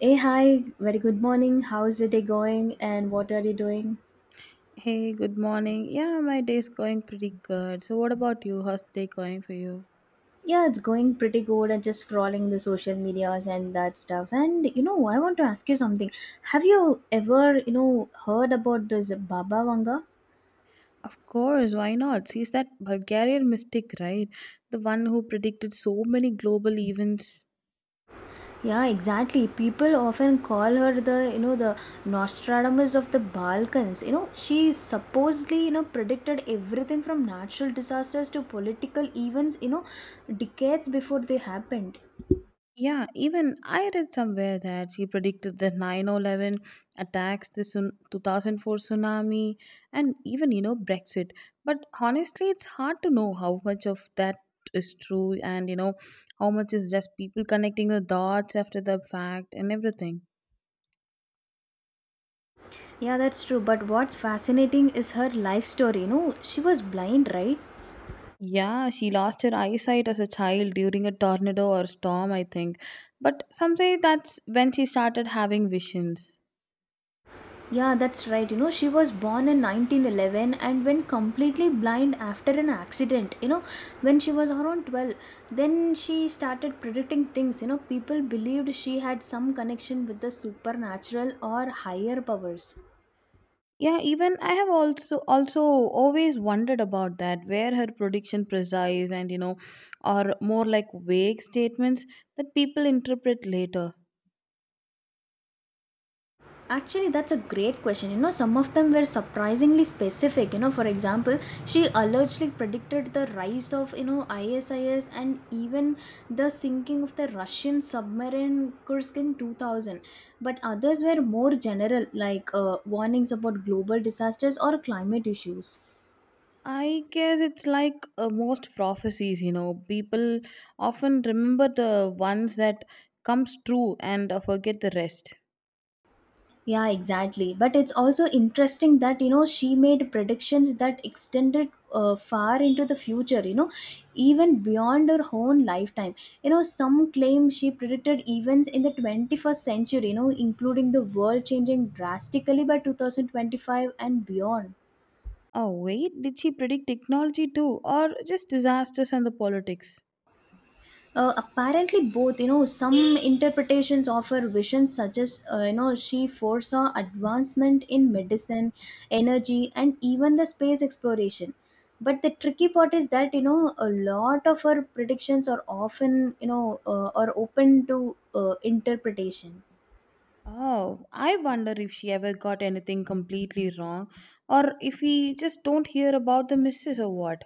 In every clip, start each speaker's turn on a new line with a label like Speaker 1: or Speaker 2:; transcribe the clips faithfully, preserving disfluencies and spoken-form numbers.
Speaker 1: Hey, hi, very good morning. How's the day going and what are you doing?
Speaker 2: Hey, good morning. Yeah, my day's going pretty good. So, what about you? How's the day going for you?
Speaker 1: Yeah, it's going pretty good. I'm just scrolling the social medias and that stuff. And you know, I want to ask you something. Have you ever, you know, heard about this Baba Vanga?
Speaker 2: Of course, why not? She's that Bulgarian mystic, right? The one who predicted so many global events.
Speaker 1: Yeah, exactly. People often call her the, you know, the Nostradamus of the Balkans. You know, she supposedly, you know, predicted everything from natural disasters to political events, you know, decades before they happened.
Speaker 2: Yeah, even I read somewhere that she predicted the nine eleven attacks, the sun- two thousand four tsunami, and even, you know, Brexit. But honestly, it's hard to know how much of that is true and, you know, how much is just people connecting the dots after the fact and everything.
Speaker 1: Yeah, that's true. But what's fascinating is her life story. You know she was blind, right?
Speaker 2: Yeah, she lost her eyesight as a child during a tornado or storm, I think. But some say that's when she started having visions.
Speaker 1: Yeah, that's right. You know, she was born in nineteen eleven and went completely blind after an accident. You know, when she was around twelve, then she started predicting things. You know, people believed she had some connection with the supernatural or higher powers.
Speaker 2: Yeah, even I have also also always wondered about that, where her prediction precise and you know, or more like vague statements that people interpret later.
Speaker 1: Actually, that's a great question. You know, some of them were surprisingly specific. You know, for example, she allegedly predicted the rise of, you know, ISIS and even the sinking of the Russian submarine Kursk in two thousand. But others were more general, like uh, warnings about global disasters or climate issues.
Speaker 2: I guess it's like uh, most prophecies, you know, people often remember the ones that comes true and uh, forget the rest.
Speaker 1: Yeah, exactly. But it's also interesting that, you know, she made predictions that extended uh, far into the future, you know, even beyond her own lifetime. You know, some claim she predicted events in the twenty-first century, you know, including the world changing drastically by twenty twenty-five and beyond.
Speaker 2: Oh, wait, did she predict technology too, or just disasters and the politics?
Speaker 1: Uh, apparently both. You know, some interpretations of her vision suggest uh, you know, she foresaw advancement in medicine, energy, and even the space exploration. But the tricky part is that, you know, a lot of her predictions are often, you know uh, are open to uh, interpretation.
Speaker 2: Oh, I wonder if she ever got anything completely wrong, or if we just don't hear about the misses or what.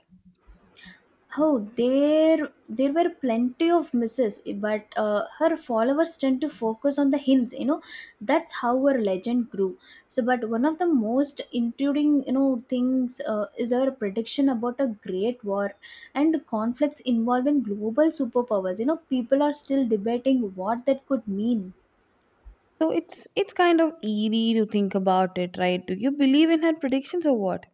Speaker 1: Oh, there there were plenty of misses, but uh, her followers tend to focus on the hints. You know, that's how her legend grew. So, but one of the most intriguing, you know, things uh, is her prediction about a great war and conflicts involving global superpowers. You know, people are still debating what that could mean.
Speaker 2: So it's it's kind of eerie to think about it, right? Do you believe in her predictions or what?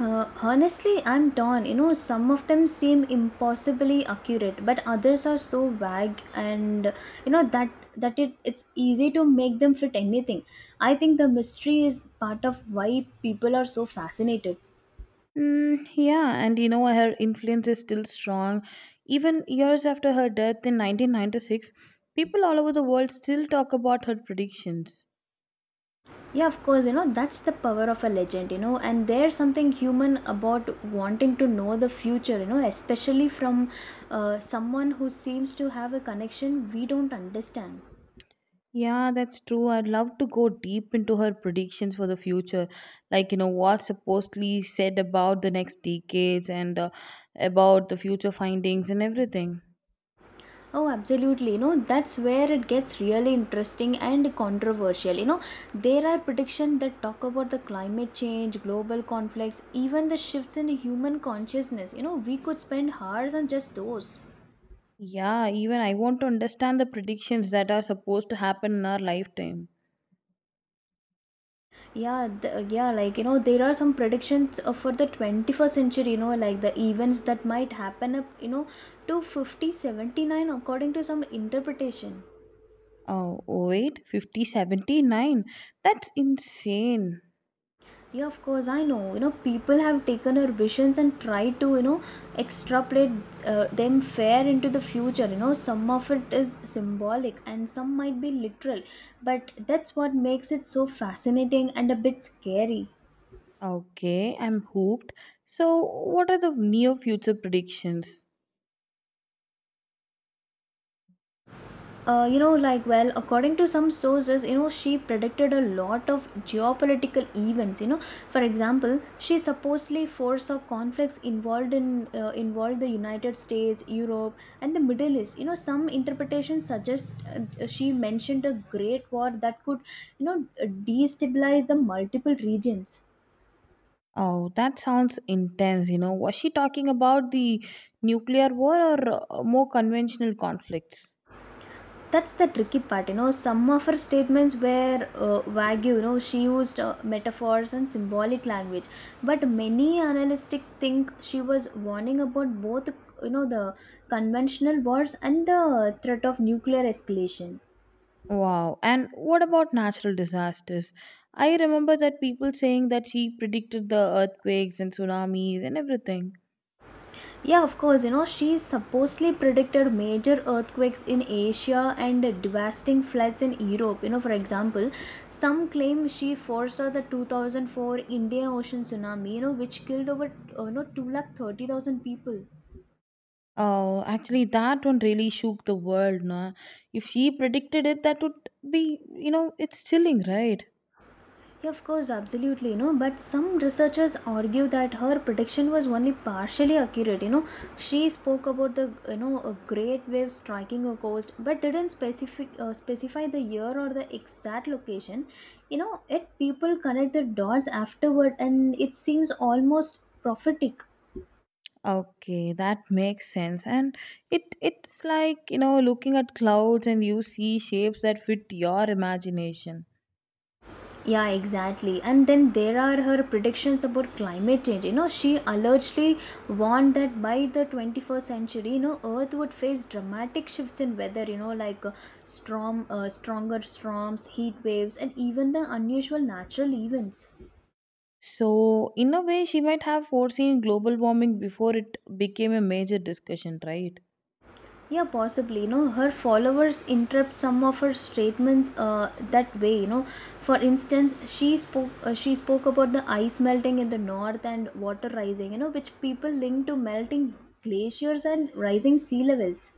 Speaker 1: Uh, honestly, I'm torn. You know, some of them seem impossibly accurate, but others are so vague, and you know that that it it's easy to make them fit anything. I think the mystery is part of why people are so fascinated.
Speaker 2: Mm, yeah, and you know her influence is still strong. Even years after her death in nineteen ninety-six, people all over the world still talk about her predictions.
Speaker 1: Yeah, of course, you know, that's the power of a legend, you know, and there's something human about wanting to know the future, you know, especially from uh, someone who seems to have a connection we don't understand.
Speaker 2: Yeah, that's true. I'd love to go deep into her predictions for the future, like you know what supposedly said about the next decades and uh, about the future findings and everything.
Speaker 1: Oh, absolutely. You know, that's where it gets really interesting and controversial. You know, there are predictions that talk about the climate change, global conflicts, even the shifts in human consciousness. You know, we could spend hours on just those.
Speaker 2: Yeah, even I want to understand the predictions that are supposed to happen in our lifetime.
Speaker 1: Yeah, the, yeah, like, you know, there are some predictions uh, for the twenty-first century, you know, like the events that might happen up, you know, to fifty seventy-nine according to some interpretation.
Speaker 2: Oh, wait, fifty, seventy-nine. That's insane.
Speaker 1: Yeah, of course, I know. You know, people have taken our visions and tried to, you know, extrapolate uh, them fair into the future. You know, some of it is symbolic and some might be literal, but that's what makes it so fascinating and a bit scary.
Speaker 2: Okay, I'm hooked. So, what are the near future predictions?
Speaker 1: Uh, you know, like, well, according to some sources, you know, she predicted a lot of geopolitical events. You know, for example, she supposedly foresaw conflicts involved in uh, involved the United States, Europe, and the Middle East. You know, some interpretations suggest uh, she mentioned a great war that could, you know, destabilize the multiple regions.
Speaker 2: Oh, that sounds intense. You know, was she talking about the nuclear war or uh, more conventional conflicts?
Speaker 1: That's the tricky part. You know, some of her statements were uh, vague. You know, she used uh, metaphors and symbolic language, but many analysts think she was warning about both, you know, the conventional wars and the threat of nuclear escalation.
Speaker 2: Wow. And what about natural disasters? I remember that people saying that she predicted the earthquakes and tsunamis and everything.
Speaker 1: Yeah, of course, you know, she supposedly predicted major earthquakes in Asia and devastating floods in Europe. You know, for example, some claim she foresaw the two thousand four Indian Ocean tsunami, you know, which killed over, uh, you know, two lakh thirty thousand people.
Speaker 2: Oh, actually, that one really shook the world. No? If she predicted it, that would be, you know, it's chilling, right?
Speaker 1: Yeah, of course, absolutely, you know. But some researchers argue that her prediction was only partially accurate. You know, she spoke about the, you know, a great wave striking a coast, but didn't specific uh, specify the year or the exact location. You know, yet people connect the dots afterward, and it seems almost prophetic.
Speaker 2: Okay, that makes sense. And it it's like, you know, looking at clouds and you see shapes that fit your imagination.
Speaker 1: Yeah, exactly. And then there are her predictions about climate change. You know, she allegedly warned that by the twenty-first century, you know, Earth would face dramatic shifts in weather, you know, like uh, storm, uh, stronger storms, heat waves, and even the unusual natural events.
Speaker 2: So, in a way, she might have foreseen global warming before it became a major discussion, right?
Speaker 1: Yeah, possibly. You know, her followers interrupt some of her statements uh, that way. You know, for instance, she spoke uh, she spoke about the ice melting in the north and water rising. You know, which people link to melting glaciers and rising sea levels.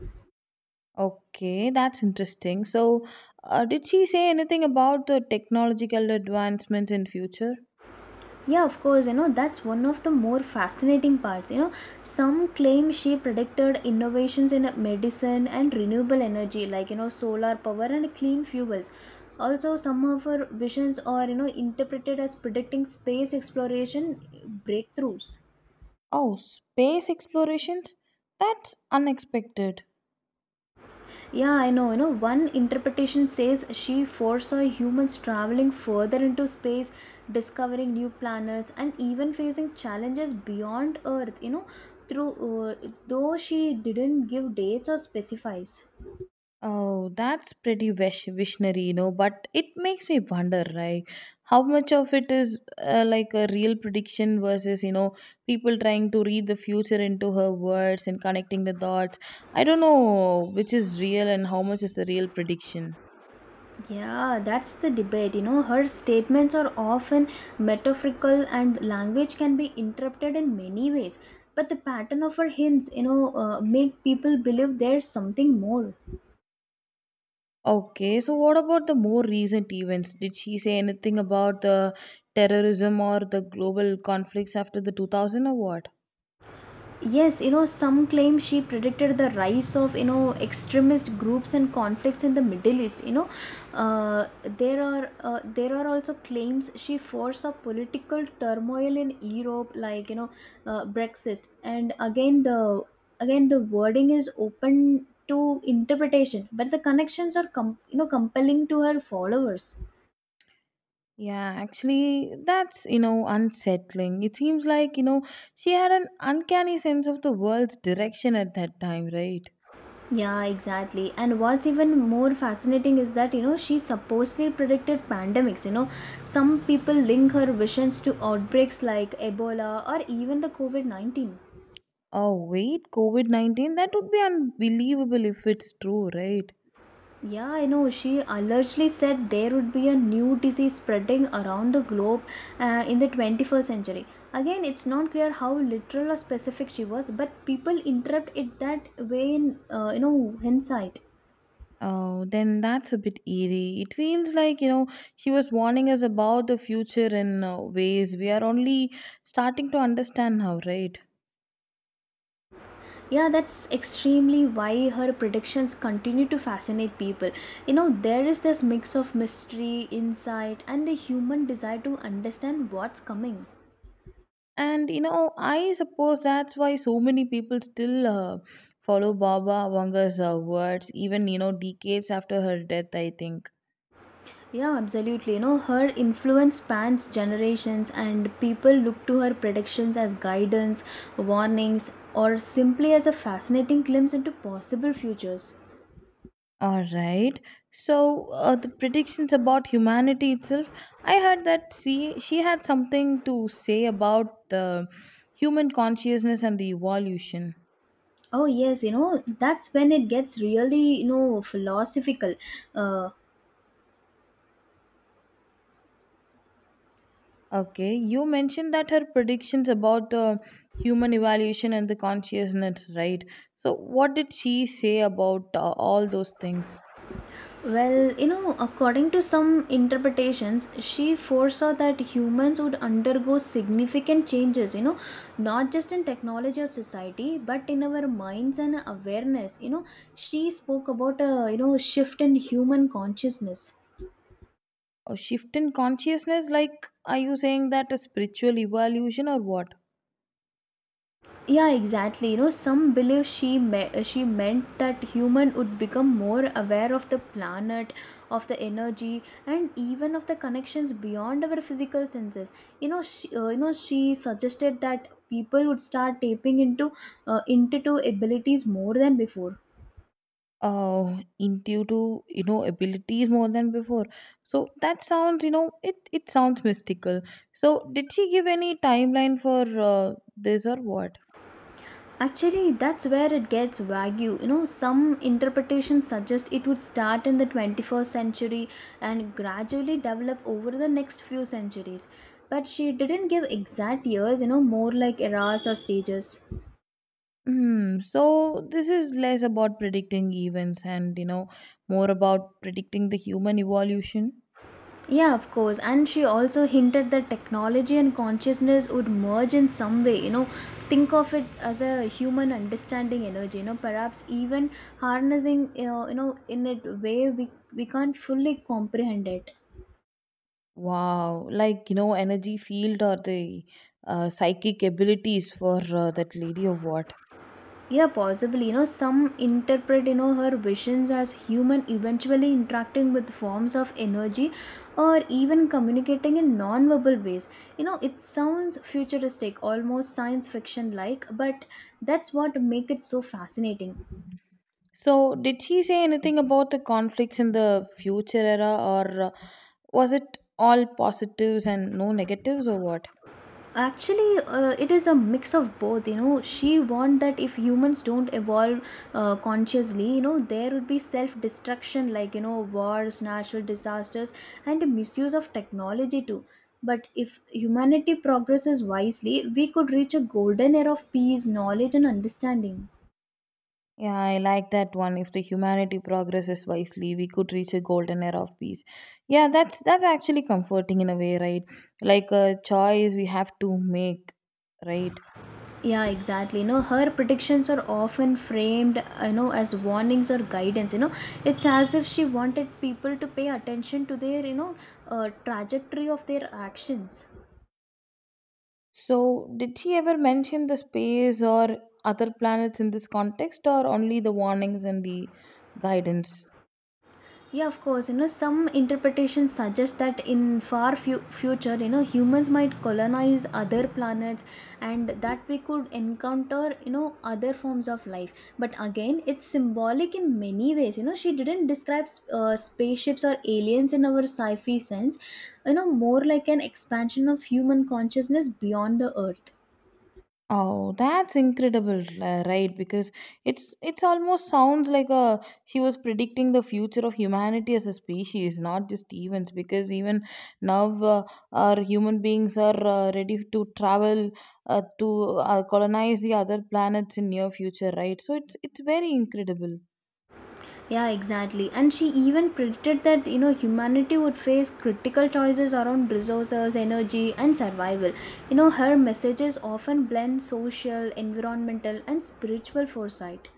Speaker 2: Okay, that's interesting. So, uh, did she say anything about the technological advancements in future?
Speaker 1: Yeah, of course, you know, that's one of the more fascinating parts. You know, some claim she predicted innovations in medicine and renewable energy, like, you know, solar power and clean fuels. Also, some of her visions are, you know, interpreted as predicting space exploration breakthroughs.
Speaker 2: Oh, space explorations? That's unexpected.
Speaker 1: Yeah, I know. You know, one interpretation says she foresaw humans traveling further into space, discovering new planets, and even facing challenges beyond Earth, you know, through uh, though she didn't give dates or specifies.
Speaker 2: Oh, that's pretty wish- visionary, you know, but it makes me wonder, right? How much of it is uh, like a real prediction versus, you know, people trying to read the future into her words and connecting the dots. I don't know which is real and how much is the real prediction.
Speaker 1: Yeah, that's the debate. You know, her statements are often metaphorical and language can be interpreted in many ways. But the pattern of her hints, you know, uh, make people believe there's something more.
Speaker 2: Okay, so what about the more recent events? Did she say anything about the terrorism or the global conflicts after the two thousand or what?
Speaker 1: Yes, you know, some claim she predicted the rise of, you know, extremist groups and conflicts in the Middle East. You know, uh, there are uh, there are also claims she foresaw political turmoil in Europe, like you know, uh, Brexit. And again, the again the wording is open to interpretation, but the connections are com- you know compelling to her followers.
Speaker 2: Yeah, actually, that's, you know, unsettling. It seems like, you know, she had an uncanny sense of the world's direction at that time, right?
Speaker 1: Yeah, exactly. And what's even more fascinating is that, you know, she supposedly predicted pandemics. You know, some people link her visions to outbreaks like Ebola or even the COVID nineteen.
Speaker 2: Oh, wait, COVID nineteen? That would be unbelievable if it's true, right?
Speaker 1: Yeah, I know. She allegedly said there would be a new disease spreading around the globe uh, in the twenty-first century. Again, it's not clear how literal or specific she was, but people interpret it that way in, uh, you know, hindsight.
Speaker 2: Oh, then that's a bit eerie. It feels like, you know, she was warning us about the future in uh, ways we are only starting to understand now, right?
Speaker 1: Yeah, that's extremely why her predictions continue to fascinate people. You know, there is this mix of mystery, insight, and the human desire to understand what's coming.
Speaker 2: And you know, I suppose that's why so many people still uh, follow Baba Vanga's uh, words, even you know, decades after her death, I think.
Speaker 1: Yeah, absolutely. You know, her influence spans generations, and people look to her predictions as guidance, warnings, or simply as a fascinating glimpse into possible futures.
Speaker 2: All right. So uh, the predictions about humanity itself, I heard that she she had something to say about the human consciousness and the evolution.
Speaker 1: Oh, yes, you know, that's when it gets really, you know, philosophical. Uh,
Speaker 2: Okay, you mentioned that her predictions about the human evolution and the consciousness, right? So what did she say about uh, all those things?
Speaker 1: Well, you know, according to some interpretations, she foresaw that humans would undergo significant changes, you know, not just in technology or society, but in our minds and awareness. You know, she spoke about a, you know, shift in human consciousness.
Speaker 2: A shift in consciousness, like, are you saying that a spiritual evolution or what?
Speaker 1: Yeah, exactly. You know, some believe she me- uh, she meant that human would become more aware of the planet, of the energy, and even of the connections beyond our physical senses. You know she, uh, you know she suggested that people would start tapping into uh, intuitive abilities more than before.
Speaker 2: Uh, intuitive you know abilities more than before. So that sounds you know it it sounds mystical. So did she give any timeline for uh, this or what?
Speaker 1: Actually, that's where it gets wagyu. You know, some interpretations suggest it would start in the twenty-first century and gradually develop over the next few centuries. But she didn't give exact years, you know, more like eras or stages.
Speaker 2: Hmm. So this is less about predicting events and you know more about predicting the human evolution.
Speaker 1: Yeah, of course. And she also hinted that technology and consciousness would merge in some way, you know. Think of it as a human understanding energy, you know, perhaps even harnessing, uh, you know, in a way we, we can't fully comprehend it.
Speaker 2: Wow, like you know energy field or the uh, psychic abilities for uh, that lady or what?
Speaker 1: Yeah, possibly. You know, some interpret, you know, her visions as human eventually interacting with forms of energy, or even communicating in non-verbal ways. You know, it sounds futuristic, almost science fiction like, but that's what make it so fascinating.
Speaker 2: So, did he say anything about the conflicts in the future era, or uh, was it all positives and no negatives, or what?
Speaker 1: Actually, uh, it is a mix of both. You know, she warned that if humans don't evolve uh, consciously, you know, there would be self destruction, like, you know, wars, natural disasters, and the misuse of technology too. But if humanity progresses wisely, we could reach a golden era of peace, knowledge, and understanding.
Speaker 2: Yeah, I like that one. If the humanity progresses wisely, we could reach a golden era of peace. Yeah, that's that's actually comforting in a way, right? Like a choice we have to make, right?
Speaker 1: Yeah, exactly. You know, her predictions are often framed, you know, as warnings or guidance. You know, it's as if she wanted people to pay attention to their, you know, uh, trajectory of their actions.
Speaker 2: So, did he ever mention the space or other planets in this context, or only the warnings and the guidance?
Speaker 1: Yeah, of course. You know, some interpretations suggest that in far fu- future, you know, humans might colonize other planets, and that we could encounter, you know, other forms of life. But again, it's symbolic in many ways. You know, she didn't describe uh, spaceships or aliens in our sci-fi sense. You know, more like an expansion of human consciousness beyond the Earth.
Speaker 2: Oh, that's incredible, uh, right? Because it's it's almost sounds like a she was predicting the future of humanity as a species, not just events. Because even now, uh, our human beings are uh, ready to travel uh, to uh, colonize the other planets in near future, right? So it's it's very incredible.
Speaker 1: Yeah, exactly. And she even predicted that you know humanity would face critical choices around resources, energy, and survival. You know, her messages often blend social, environmental, and spiritual foresight.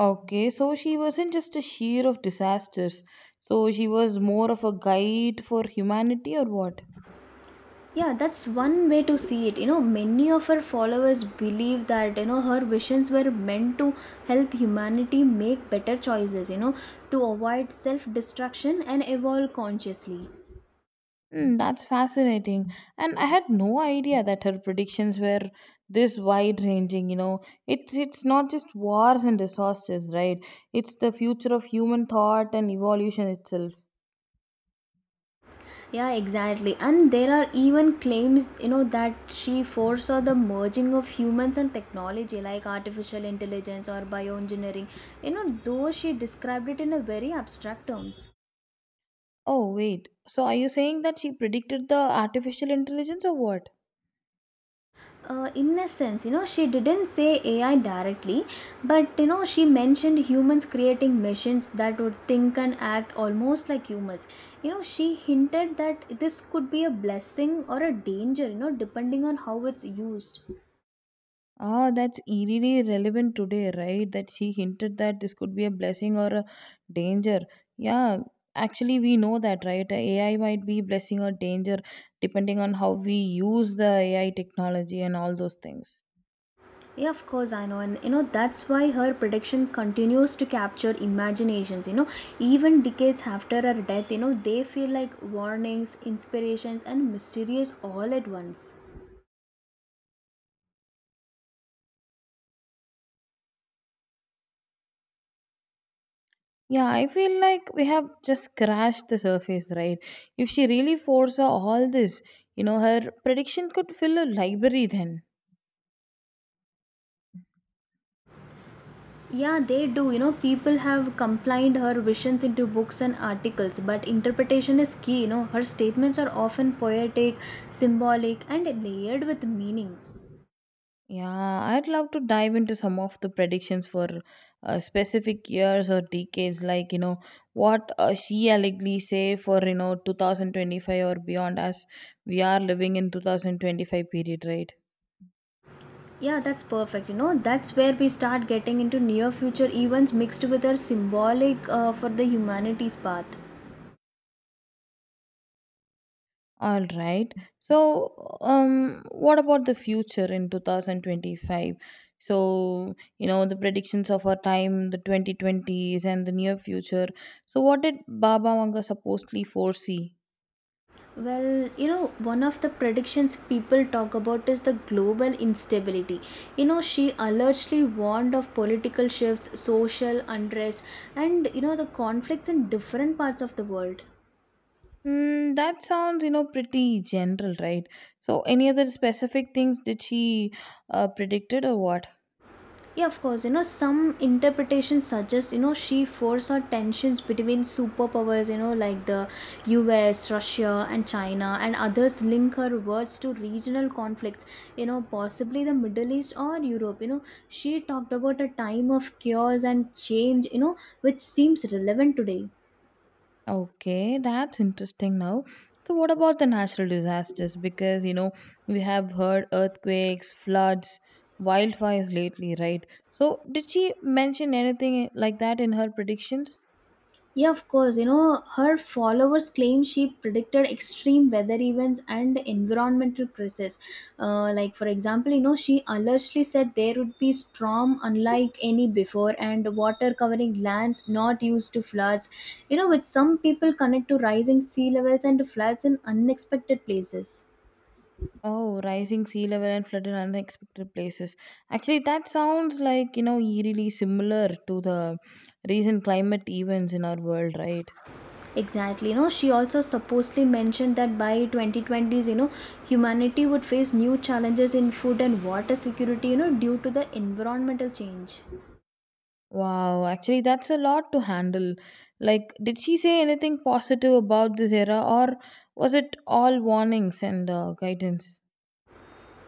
Speaker 2: Okay, so she wasn't just a sheer of disasters. So she was more of a guide for humanity, or what?
Speaker 1: Yeah, that's one way to see it. You know, many of her followers believe that you know her visions were meant to help humanity make better choices, you know, to avoid self destruction and evolve consciously.
Speaker 2: Hmm, that's fascinating. And I had no idea that her predictions were this wide ranging, you know. It's it's not just wars and disasters, right? It's the future of human thought and evolution itself.
Speaker 1: Yeah, exactly. And there are even claims, you know, that she foresaw the merging of humans and technology like artificial intelligence or bioengineering, you know, though she described it in a very abstract terms.
Speaker 2: Oh wait. So are you saying that she predicted the artificial intelligence or what?
Speaker 1: Uh, in a sense, you know, she didn't say A I directly, but you know, she mentioned humans creating machines that would think and act almost like humans. You know, she hinted that this could be a blessing or a danger, you know, depending on how it's used.
Speaker 2: Ah, that's eerily relevant today, right? That she hinted that this could be a blessing or a danger. Yeah, actually, we know that, right? A I might be blessing or danger depending on how we use the A I technology and all those things.
Speaker 1: Yeah, of course, I know. And you know, that's why her prediction continues to capture imaginations. You know, even decades after her death, you know, they feel like warnings, inspirations, and mysterious all at once.
Speaker 2: Yeah, I feel like we have just scratched the surface, right? If she really foresaw all this, you know, her prediction could fill a library then.
Speaker 1: Yeah, they do. You know, people have combined her visions into books and articles, but interpretation is key. You know, her statements are often poetic, symbolic, and layered with meaning.
Speaker 2: Yeah, I'd love to dive into some of the predictions for uh, specific years or decades, like you know what uh, she allegedly say for you know two thousand twenty-five or beyond, as we are living in twenty twenty-five period, right?
Speaker 1: Yeah, that's perfect. You know, that's where we start getting into near future events mixed with our symbolic uh, for the humanities path.
Speaker 2: All right. So, um, what about the future in twenty twenty-five? So, you know the predictions of our time, the twenty twenties, and the near future. So, what did Baba Manga supposedly foresee?
Speaker 1: Well, you know, one of the predictions people talk about is the global instability. You know, she alertly warned of political shifts, social unrest, and you know, the conflicts in different parts of the world.
Speaker 2: Mm, that sounds, you know, pretty general, right? So, any other specific things did she uh, predicted or what?
Speaker 1: Yeah, of course. You know, some interpretations suggest, you know, she foresaw tensions between superpowers, you know, like the U S, Russia, and China, and others link her words to regional conflicts, you know, possibly the Middle East or Europe. You know, she talked about a time of chaos and change, you know, which seems relevant today.
Speaker 2: Okay, that's interesting now. So, what about the natural disasters? Because, you know, we have heard earthquakes, floods, wildfires lately, right? So, did she mention anything like that in her predictions?
Speaker 1: Yeah, of course. You know, her followers claim she predicted extreme weather events and environmental crisis. Uh, like, for example, you know, she allegedly said there would be storm unlike any before and water covering lands not used to floods. You know, which some people connect to rising sea levels and floods in unexpected places.
Speaker 2: Oh, rising sea level and flood in unexpected places. Actually, that sounds like, you know, eerily similar to the recent climate events in our world, right?
Speaker 1: Exactly. You know, she also supposedly mentioned that by twenty twenties, you know, humanity would face new challenges in food and water security, you know, due to the environmental change.
Speaker 2: Wow, actually, that's a lot to handle. Like, did she say anything positive about this era, or was it all warnings and uh, guidance?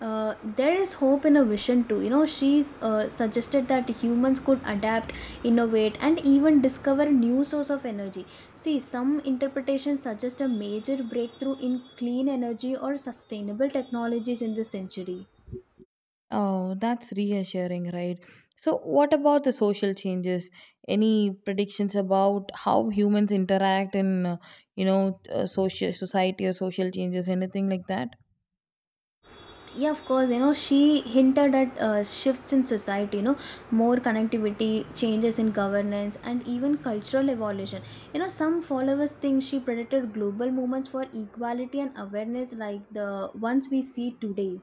Speaker 1: Uh, there is hope in a vision too. You know, she uh, suggested that humans could adapt, innovate, and even discover new source of energy. See, some interpretations suggest a major breakthrough in clean energy or sustainable technologies in this century.
Speaker 2: Oh, that's reassuring, right? So, what about the social changes? Any predictions about how humans interact in, uh, you know, uh, social society or social changes, anything like that?
Speaker 1: Yeah, of course, you know, she hinted at uh, shifts in society, you know, more connectivity, changes in governance, and even cultural evolution. You know, some followers think she predicted global movements for equality and awareness like the ones we see today.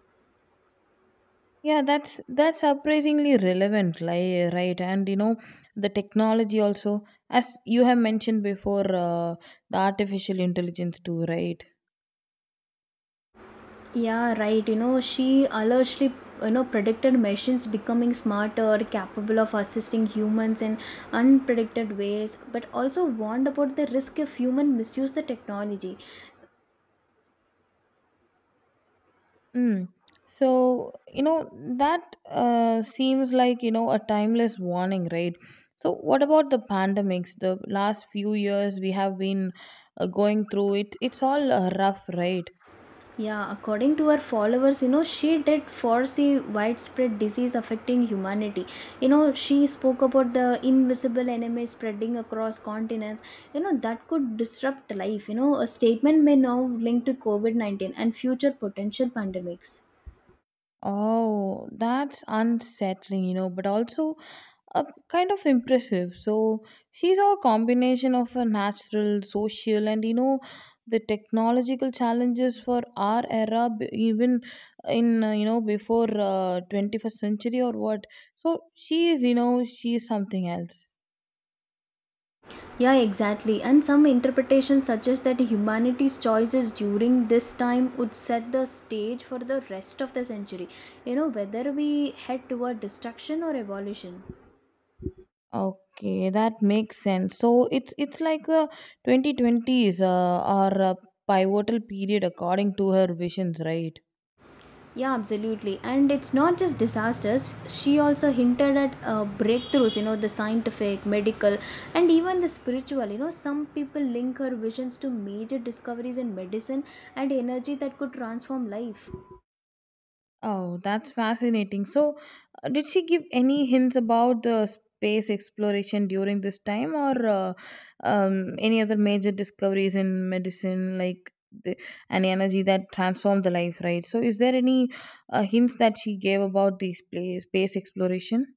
Speaker 2: Yeah, that's that's surprisingly relevant, like right? And you know, the technology also, as you have mentioned before, uh, the artificial intelligence too, right?
Speaker 1: Yeah, right. You know, she allegedly, you know, predicted machines becoming smarter, capable of assisting humans in unpredicted ways, but also warned about the risk if human misuse the technology.
Speaker 2: Mm. So, you know, that uh, seems like, you know, a timeless warning, right? So, what about the pandemics? The last few years we have been uh, going through it. It's all uh, rough, right?
Speaker 1: Yeah, according to her followers, you know, she did foresee widespread disease affecting humanity. You know, she spoke about the invisible enemy spreading across continents, you know, that could disrupt life. You know, a statement may now link to COVID nineteen and future potential pandemics.
Speaker 2: Oh, that's unsettling, you know, but also uh, kind of impressive. So she's a combination of a natural, social, and you know the technological challenges for our era, b- even in uh, you know before uh, twenty-first century or what. So she is, you know, she is something else.
Speaker 1: Yeah, exactly. And some interpretations suggest that humanity's choices during this time would set the stage for the rest of the century. You know, whether we head toward destruction or evolution.
Speaker 2: Okay, that makes sense. So it's it's like a twenty twenties uh, or a pivotal period according to her visions, right?
Speaker 1: Yeah, absolutely. And it's not just disasters. She also hinted at uh, breakthroughs, you know, the scientific, medical, and even the spiritual. You know, some people link her visions to major discoveries in medicine and energy that could transform life.
Speaker 2: Oh, that's fascinating. So, uh, did she give any hints about the space exploration during this time or uh, um, any other major discoveries in medicine, like the, an energy that transformed the life, right? So, is there any uh, hints that she gave about the space, space exploration?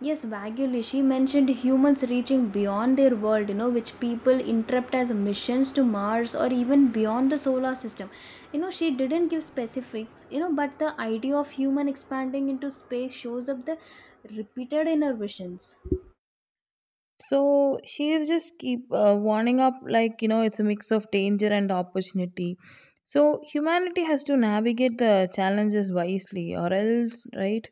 Speaker 1: Yes, vaguely, she mentioned humans reaching beyond their world, you know, which people interpret as missions to Mars or even beyond the solar system. You know, she didn't give specifics, you know, but the idea of human expanding into space shows up the repeated in her visions.
Speaker 2: So she is just keep uh, warning up like you know it's a mix of danger and opportunity. So humanity has to navigate the challenges wisely, or else, right?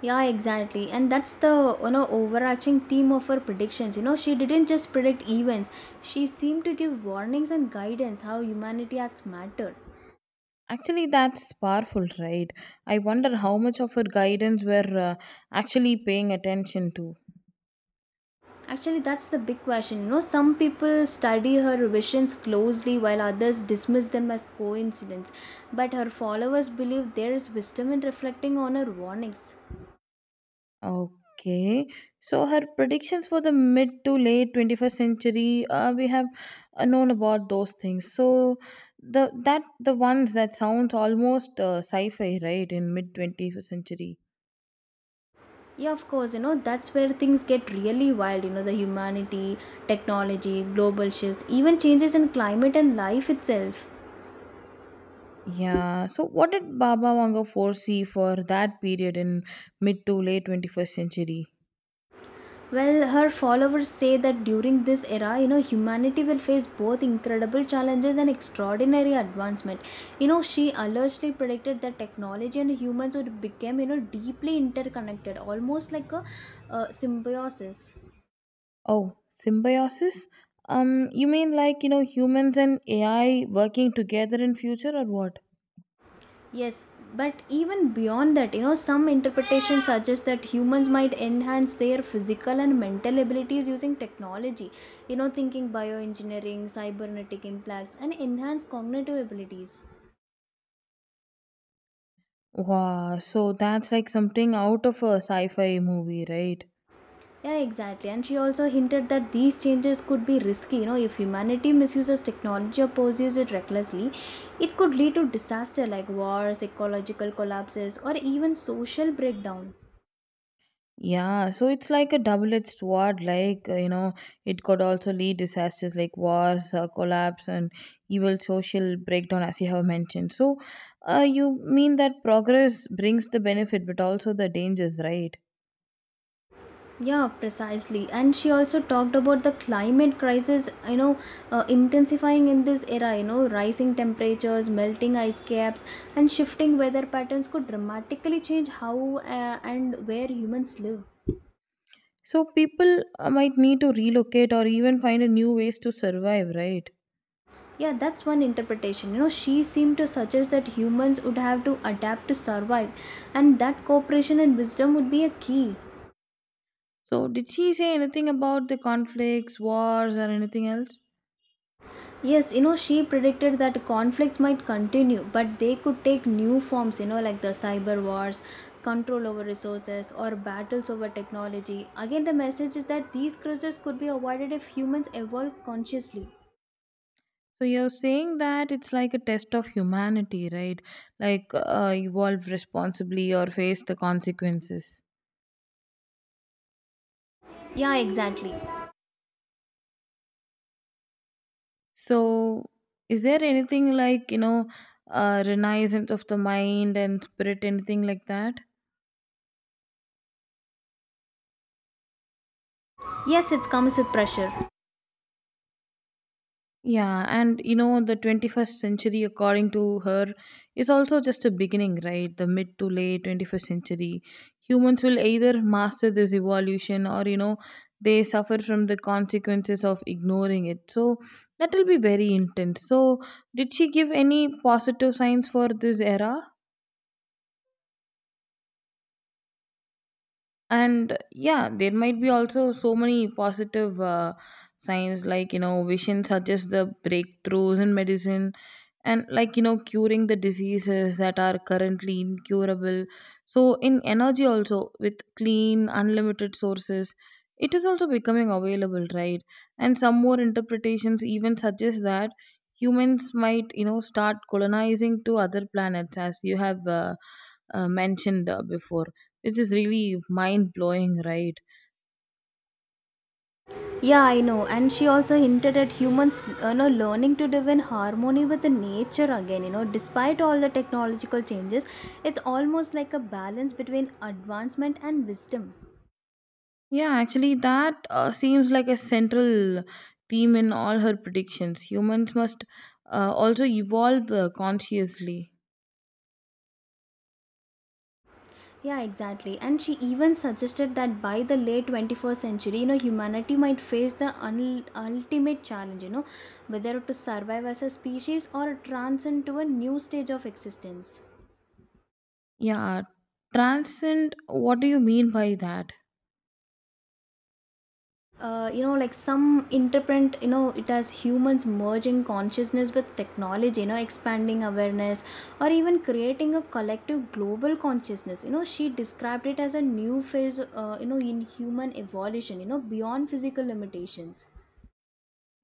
Speaker 1: Yeah, exactly. And that's the, you know, overarching theme of her predictions. You know, she didn't just predict events, she seemed to give warnings and guidance how humanity acts matter.
Speaker 2: Actually, that's powerful, right? I wonder how much of her guidance were uh, actually paying attention to.
Speaker 1: Actually, that's the big question. You know, some people study her visions closely while others dismiss them as coincidence. But her followers believe there is wisdom in reflecting on her warnings.
Speaker 2: Okay, so her predictions for the mid to late twenty-first century, uh, we have uh, known about those things. So the that the ones that sounds almost uh, sci-fi, right? In mid twenty-first century.
Speaker 1: Yeah, of course, you know, that's where things get really wild. You know, the humanity, technology, global shifts, even changes in climate and life itself.
Speaker 2: Yeah. So what did Baba Wanga foresee for that period in mid to late twenty-first century?
Speaker 1: Well, her followers say that during this era, you know, humanity will face both incredible challenges and extraordinary advancement. You know, she allegedly predicted that technology and humans would become, you know, deeply interconnected, almost like a uh, symbiosis.
Speaker 2: Oh, symbiosis? Um, you mean like, you know, humans and A I working together in future or what?
Speaker 1: Yes, but even beyond that, you know, some interpretations suggest that humans might enhance their physical and mental abilities using technology. You know, thinking bioengineering, cybernetic implants, and enhanced cognitive abilities.
Speaker 2: Wow, so that's like something out of a sci-fi movie, right?
Speaker 1: Yeah, exactly. And she also hinted that these changes could be risky. You know, if humanity misuses technology or pursues it recklessly, it could lead to disaster like wars, ecological collapses, or even social breakdown.
Speaker 2: Yeah, so it's like a double-edged sword. Like uh, you know, it could also lead disasters like wars, uh, collapse, and evil social breakdown, as you have mentioned. So, uh, you mean that progress brings the benefit, but also the dangers, right?
Speaker 1: Yeah, precisely. And she also talked about the climate crisis, you know, uh, intensifying in this era, you know, rising temperatures, melting ice caps, and shifting weather patterns could dramatically change how uh, and where humans live.
Speaker 2: So people uh, might need to relocate or even find a new ways to survive, right?
Speaker 1: Yeah, that's one interpretation. You know, she seemed to suggest that humans would have to adapt to survive, and that cooperation and wisdom would be a key.
Speaker 2: So did she say anything about the conflicts, wars, or anything else?
Speaker 1: Yes, you know, she predicted that conflicts might continue, but they could take new forms, you know, like the cyber wars, control over resources, or battles over technology. Again, the message is that these crises could be avoided if humans evolve consciously.
Speaker 2: So you're saying that it's like a test of humanity, right? Like uh, evolve responsibly or face the consequences.
Speaker 1: Yeah, exactly.
Speaker 2: So is there anything like you know, uh, renaissance of the mind and spirit, anything like that?
Speaker 1: Yes, it comes with pressure.
Speaker 2: Yeah, and you know, the twenty-first century, according to her, is also just a beginning, right? The mid to late twenty-first century. Humans will either master this evolution or, you know, they suffer from the consequences of ignoring it. So that will be very intense. So, did she give any positive signs for this era? And yeah there might be also so many positive uh, signs like you know vision suggests the breakthroughs in medicine and like you know curing the diseases that are currently incurable so in energy also with clean unlimited sources it is also becoming available right and some more interpretations even suggest that humans might you know start colonizing to other planets as you have uh, uh, mentioned uh, before this is really mind blowing, right?
Speaker 1: Yeah, I know. And she also hinted at humans, you know, learning to live in harmony with the nature again. You know, despite all the technological changes, it's almost like a balance between advancement and wisdom.
Speaker 2: Yeah, actually, that uh, seems like a central theme in all her predictions. Humans must uh, also evolve uh, consciously.
Speaker 1: Yeah, exactly. And she even suggested that by the late twenty-first century, you know, humanity might face the un- ultimate challenge, you know, whether to survive as a species or transcend to a new stage of existence.
Speaker 2: Yeah, transcend, what do you mean by that?
Speaker 1: Uh, you know, like some interpret you know it as humans merging consciousness with technology, you know, expanding awareness, or even creating a collective global consciousness. You know, she described it as a new phase uh, you know in human evolution, you know, beyond physical limitations.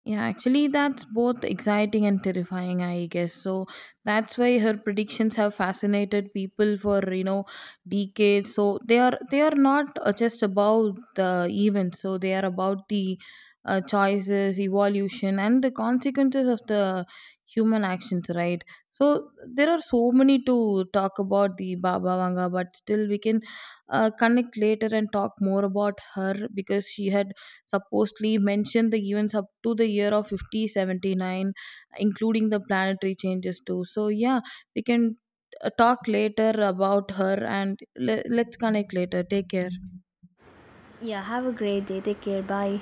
Speaker 2: Yeah, actually, that's both exciting and terrifying, I guess. So that's why her predictions have fascinated people for you know decades. So they are they are not uh, just about the events. So they are about the uh, choices, evolution, and the consequences of the human actions. Right. So there are so many to talk about the Baba Vanga, but still we can uh, connect later and talk more about her because she had supposedly mentioned the events up to the year of fifty seventy-nine including the planetary changes too so yeah we can uh, talk later about her and le- let's connect later take care.
Speaker 1: Yeah, have a great day. Take care. Bye.